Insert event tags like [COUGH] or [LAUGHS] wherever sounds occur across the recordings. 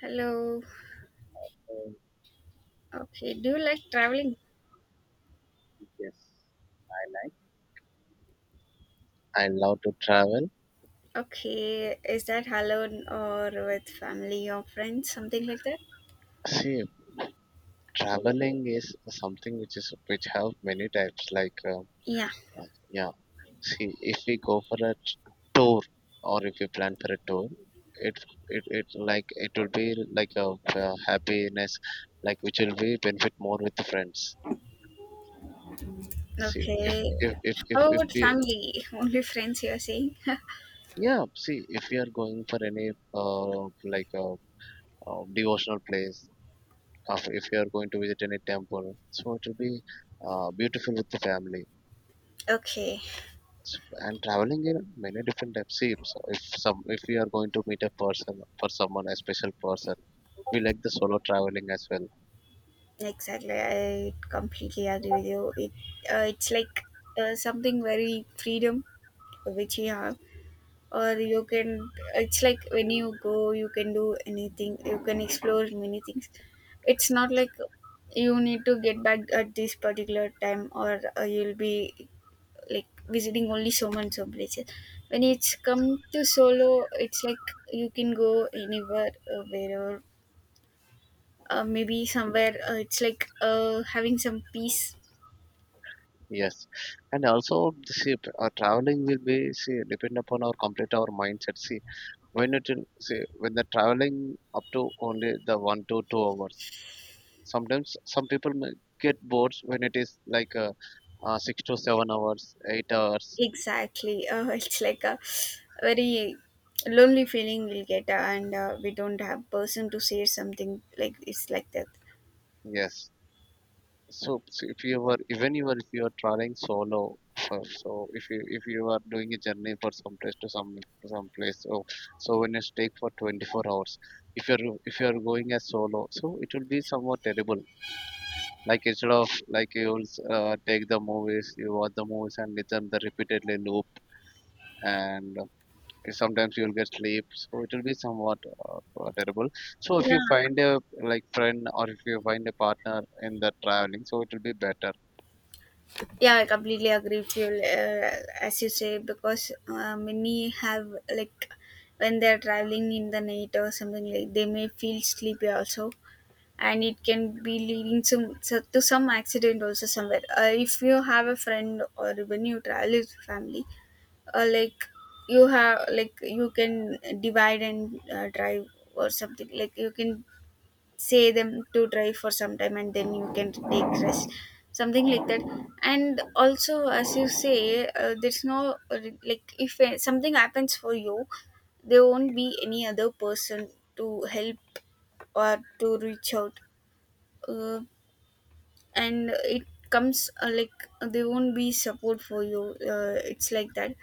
Hello. Um, Okay. Do you like traveling? yes, I like. I love to travel. Okay. Is that alone or with family or friends? Something like that? See, traveling is something which have many types. Like, Yeah. Yeah. See, if we go for a tour, or if we plan for a tour, it it will be like happiness, like which will be benefit more with the friends. See, if Okay. if if if How if about we family? [LAUGHS] Only friends you are saying? yeah. See, if we are going for any like a devotional place. If you are going to visit any temple, so it will be beautiful with the family. [LAUGHS] Okay. S- And traveling in many different types. See, If, so- if some if we are going to meet a person for someone, a special person, we like the solo traveling as well. Exactly. I completely agree with you. It's like something very freedom which you have. Or you can It's like when you go, you can do anything. You can explore many things. It's not like you need to get back at this particular time, or you'll be like visiting only so many places. When it's come to solo, it's like you can go anywhere, wherever. Maybe somewhere, it's like having some peace. Yes, and also the see, traveling will be, see, depend upon our mindset. See, when it will see when the traveling up to only the 1 to 2 hours. Sometimes some people may get bored when it is like 6 to 7 hours, 8 hours. Exactly. [LAUGHS] It's like a very lonely feeling we'll get, and we don't have person to say something like it's like that. Yes. So, so if you were even you were if you are traveling solo, so, if you are doing a journey for some place to some place, so so when you take for 24 hours, if you're going as solo, so it will be somewhat terrible. Like, instead of like you will take the movies, you watch the movies and listen the repeatedly loop, and sometimes you will get sleep. So it will be somewhat terrible. So if Yeah, you find a like friend, or if you find a partner in the traveling, so it will be better. yeah, I completely agree with you. As you say, because many have like when they're traveling in the night or something, like they may feel sleepy also, and it can be leading to some accident also somewhere. If you have a friend or when you travel with family, like you have like you can divide and drive, or something, like you can say them to drive for some time and then you can take rest, something like that. And also as you say, there's no like if something happens for you, there won't be any other person to help or to reach out, uh, and it comes like there won't be support for you, it's like that.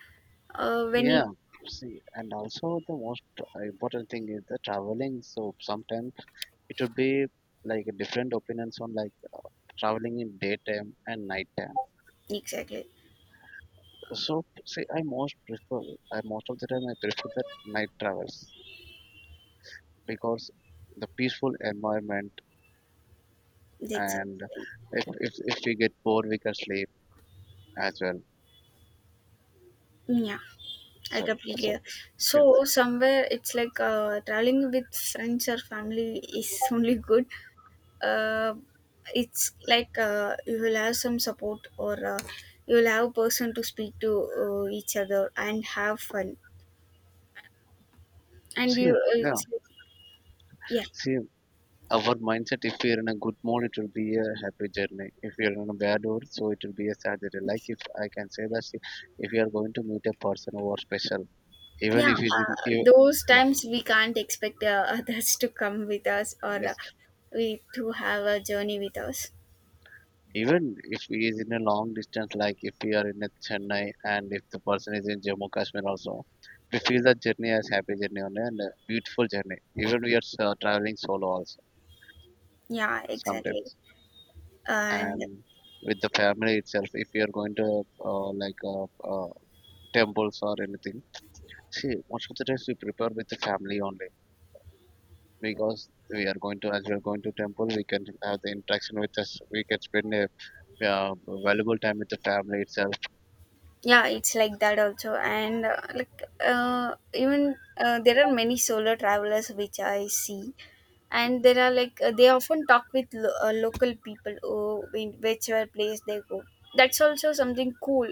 When it — Yeah, see, and also the most important thing is the traveling. So sometimes it would be like different opinions on like traveling in daytime and nighttime. exactly. So see, I most of the time I prefer the night travels, because the peaceful environment. And Exactly. if we get bored we can sleep as well. Yeah, I So completely. so So see, somewhere it's like traveling with friends or family is [LAUGHS] only good. Uh, it's like you will have some support, or you will have a person to speak to each other and have fun. And see you, yeah. it's like, yeah, See, our mindset, if we're in a good mood it will be a happy journey, if you're in a bad mood so it will be a sad journey, like if I can say that. See, if you are going to meet a person who are special, even yeah. if he's in you Those yeah times we can't expect [LAUGHS] others to come with us, or yes, we to have a journey with us. even if he is in a long distance, like if we are in a Chennai and if the person is in Jammu Kashmir also, we feel that journey as happy journey only and a beautiful journey, even we are traveling solo also Yeah, exactly. sometimes. And And with the family itself, if you are going to uh, like uh, uh, temples or anything. See, most of the times we prepare with the family only, because we are going to as we are going to temple, we can have the interaction with us. We can spend a valuable time with the family itself. yeah, it's like that also. And like, even there are many solo travelers which I see. And there are like they often talk with local people who in whichever place they go. That's also something cool.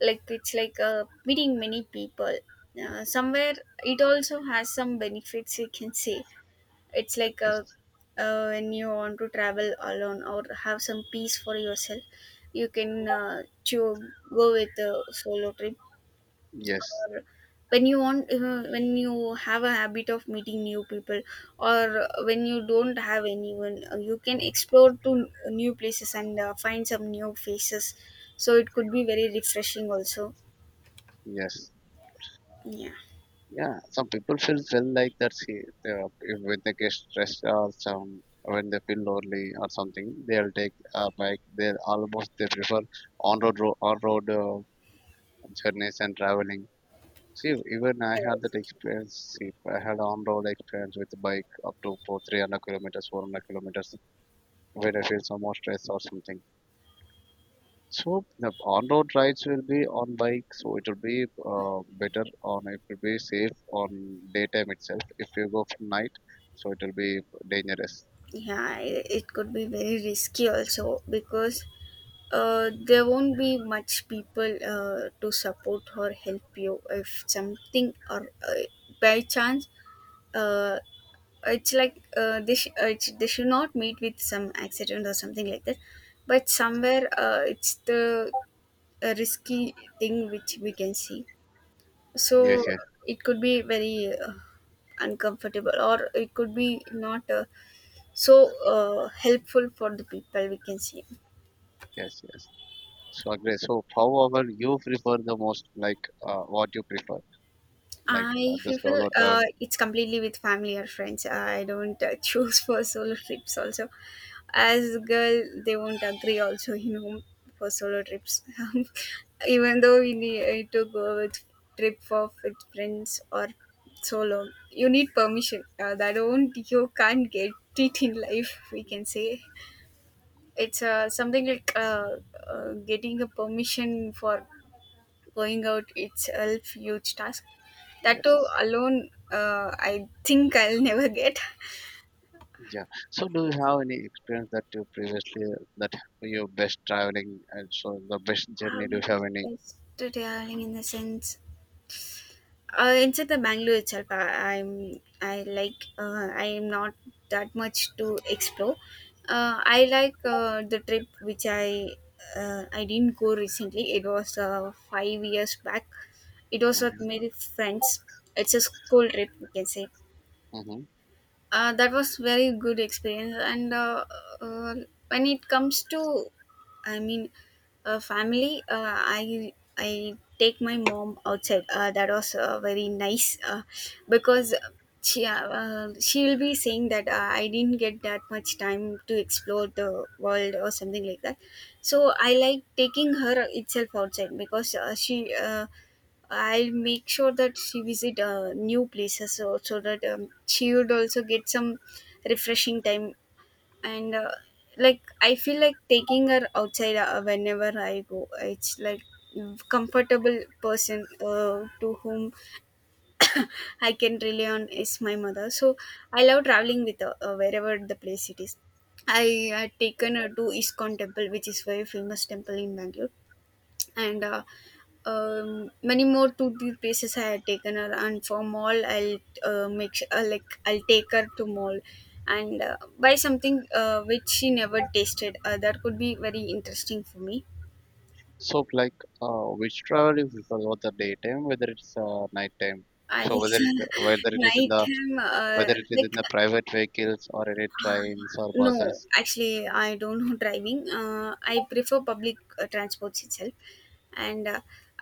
Like, it's like meeting many people somewhere. It also has some benefits, you can say. It's like Yes, a, when you want to travel alone or have some peace for yourself, you can go with a solo trip. yes, Or when you want, when you have a habit of meeting new people, or when you don't have anyone, you can explore to new places and find some new faces. So it could be very refreshing also. yes. Yeah. Yeah, some people feel like that. See, they are- if- when they get stressed, or some when they feel lonely or something, they'll take a bike. They almost they prefer on road, on road journeys and traveling. See, even I Yeah, had that exactly. experience. See, I had on-road experience with the bike up to four, 300 kilometers, 400 kilometers, when I feel some more stress or something. So the on-road rides will be on bike, so it will be better on it will be safe on daytime itself. If you go from night, so it will be dangerous. Yeah, it could be very risky also, because there won't be much people to support or help you if something, or by chance, uh, it's like they, it's, they should not meet with some accident or something like that. But somewhere it's the risky thing which we can see. So Yes, yes, it could be very uncomfortable, or it could be not so helpful for the people, we can see. yes, yes. So agree. So however you prefer the most, like what you prefer, like I the feel solo travel. it's completely with family or friends. I don't [LAUGHS] choose for solo trips also. As a girl, they won't agree also, you know, for solo trips. [LAUGHS] Even though we need to go with trip for with friends or solo, you need permission. That won't — you can't get it in life, we can say. It's something like getting a permission for going out itself huge task, that too Yes. alone. I think I'll [LAUGHS] never get. Yeah. So, do you have any experience that you previously that your best traveling, and so the best journey? Do you um, have any? it's tiring in the sense, inside the Bangalore itself, i'm I like I am not that much to explore. I like the trip which I — I didn't go recently. It was 5 years back. It was with my Mm-hmm. friends. It's a school trip, we can say. Hmm. That was very good experience. And uh, when it comes to, I mean, family, I take my mom outside. That was very nice, because she will be saying that I didn't get that much time to explore the world or something like that. So I like taking her itself outside, because she I'll make sure that she visit new places, so that she would also get some refreshing time. And like, I feel like taking her outside whenever I go. It's like comfortable person to whom [COUGHS] I can rely on is my mother, so I love traveling with her, wherever the place it is. I had taken her to Iskon temple, which is very famous temple in Bangalore. And many more to the places I had taken her. And for mall, I'll like, I'll take her to mall and buy something which she never tasted. That could be very interesting for me. So, like, which travel you prefer, whether daytime, whether it's nighttime? I So, think whether it's [LAUGHS] whether it is in night the time, whether it is in like. the private vehicles or any Uh, trains or No, buses. actually, I don't know [LAUGHS] driving. I prefer public transports itself. And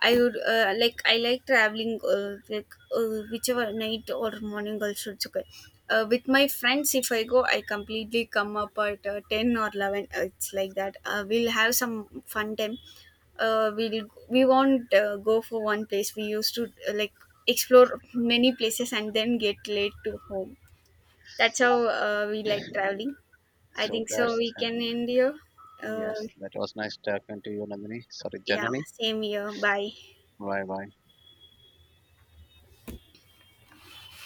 I would like, I like traveling like whichever night or morning, also it's okay. With my friends, if I go, I completely come up at 10 or 11. It's like that. We'll have some fun time. We'll — we won't go for one place. We used to like explore many places and then get late to home. That's how we like traveling. I So think so, that's we can end here. Uh, yes, that was nice talking to you, Nandini. Sorry, yeah, Janani. same here. Bye. Bye bye.